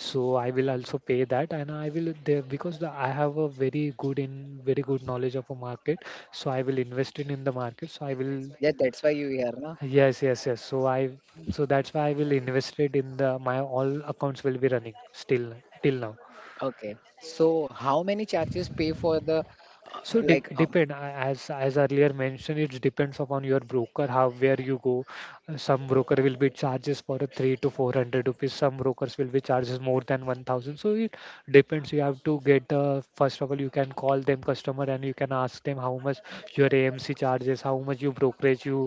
Speaker 2: So I will also pay that, and I will there because the, I have a very good in very good knowledge of a market. So I will invest in the market. So I will
Speaker 1: Yes, that's why you here, na?
Speaker 2: yes yes yes. So I so that's why I will invest it in the my all accounts will be running still till now.
Speaker 1: Okay. So how many charges pay for the
Speaker 2: So de
Speaker 1: like um?
Speaker 2: depend as earlier mentioned, it depends upon your broker how where you go. Some broker will be charges for a three to four hundred rupees. Some brokers will be charges more than 1,000. So it depends. You have to get the first of all you can call them customer and you can ask them how much your AMC charges, how much you brokerage you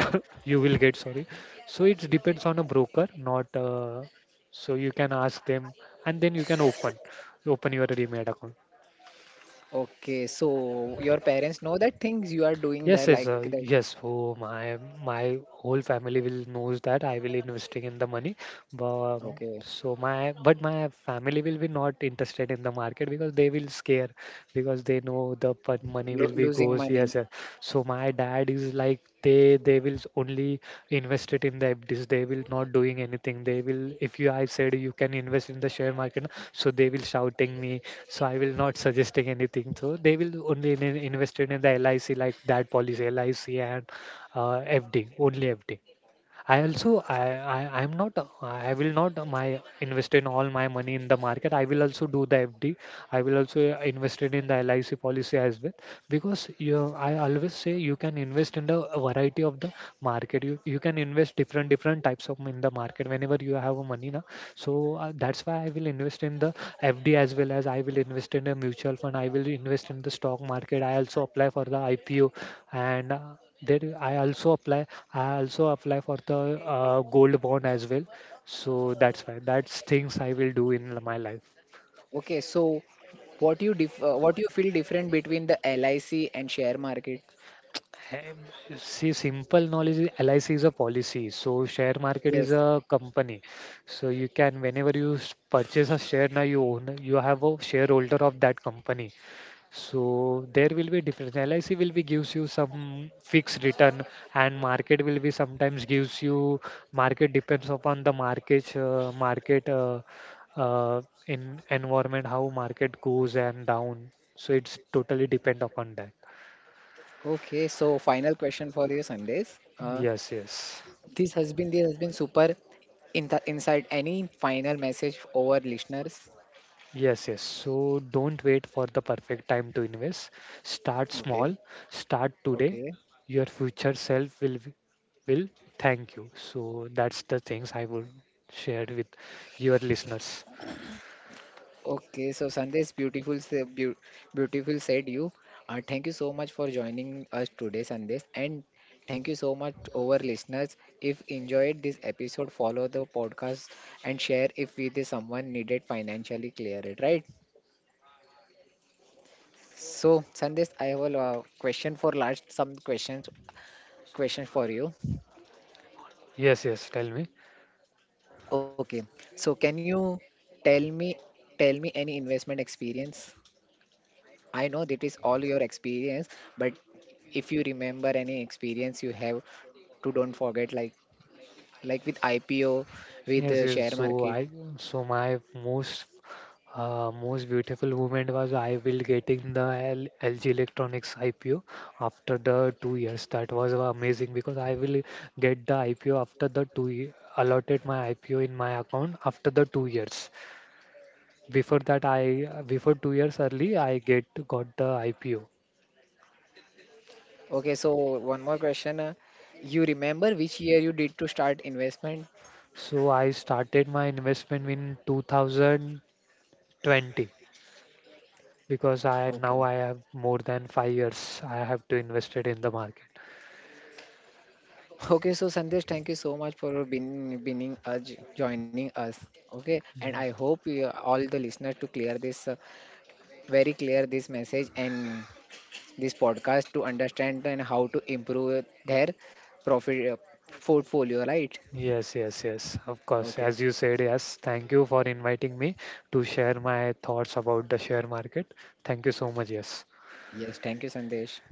Speaker 2: you will get. Sorry. So it depends on a broker, not. So you can ask them, and then you can open your Remed account.
Speaker 1: Okay, so your parents know that things you are doing there
Speaker 2: Yes, yes,
Speaker 1: like that.
Speaker 2: yes. Oh, my whole family will knows that I will investing in the money, but
Speaker 1: Okay,
Speaker 2: so my but my family will be not interested in the market, because they will scare because they know the money
Speaker 1: Lo
Speaker 2: will be
Speaker 1: losing
Speaker 2: goes.
Speaker 1: money.
Speaker 2: Yes, yes. So my dad is like they will only invest it in the FDs. They will not doing anything. They will if you I said you can invest in the share market, so they will shouting me. So I will not suggesting anything, so they will only invested in the LIC like that policy LIC and uh, FD, only FD. I I will not my invest in all my money in the market. I will also do the FD. I will also invest it in the LIC policy as well, because you I always say you can invest in the variety of the market. You can invest different different types of in the market whenever you have a money now. So that's why I will invest in the FD as well as I will invest in a mutual fund. I will invest in the stock market. I also apply for the IPO, and there I also apply for the gold bond as well. So that's fine. That's things I will do in my life.
Speaker 1: Okay, so what you dif what you feel different between the LIC and share market?
Speaker 2: Um, See, simple knowledge is LIC is a policy. So share market is
Speaker 1: Yes.
Speaker 2: a company. So you can whenever you purchase a share now you own you have a shareholder of that company. So there will be difference. LIC will be gives you some fixed return, and market will be sometimes gives you market depends upon the market uh, in environment how market goes and down. So it's totally depend upon that.
Speaker 1: Okay, so final question for you, Sandesh.
Speaker 2: Yes, yes.
Speaker 1: This has been super in the insight. Any final message over listeners?
Speaker 2: Yes, yes. So don't wait for the perfect time to invest. Start small.
Speaker 1: Okay,
Speaker 2: Start today.
Speaker 1: okay,
Speaker 2: Your future self will thank you. So that's the things I would share with your listeners.
Speaker 1: okay. So Sandesh, beautiful, beautiful said you. Thank you so much for joining us today, Sandesh, and thank you so much over listeners. If enjoyed this episode, follow the podcast and share if with is someone needed financially clear it right. So Sandesh, I have a question for last some questions for you.
Speaker 2: Yes, yes. Tell me.
Speaker 1: Okay. So can you tell me tell me any investment experience? I know that is all your experience, but if you remember any experience you have to don't forget like with IPO, with the
Speaker 2: Yes,
Speaker 1: share
Speaker 2: yes. So
Speaker 1: market.
Speaker 2: I so my most Most beautiful moment was I will getting the L LG Electronics IPO after the 2 years. That was amazing because I will get the IPO after the allotted my IPO in my account after the 2 years. Before that, I before 2 years early, I get got the IPO.
Speaker 1: Okay, so one more question. You remember which year you did to start investment?
Speaker 2: So I started my investment in 2020, because I
Speaker 1: Okay.
Speaker 2: now I have more than 5 years I have to invested in the market.
Speaker 1: Okay, so Sandesh, thank you so much for being joining us. Okay, and I
Speaker 2: Yes.
Speaker 1: hope you, all the listeners to clear this very clear this message and this podcast to understand and how to improve their profit portfolio, right?
Speaker 2: Yes, yes, yes. Of course.
Speaker 1: Okay.
Speaker 2: As you said, yes. Thank you for inviting me to share my thoughts about the share market. Thank you so much. Yes.
Speaker 1: Yes. Thank you, Sandesh.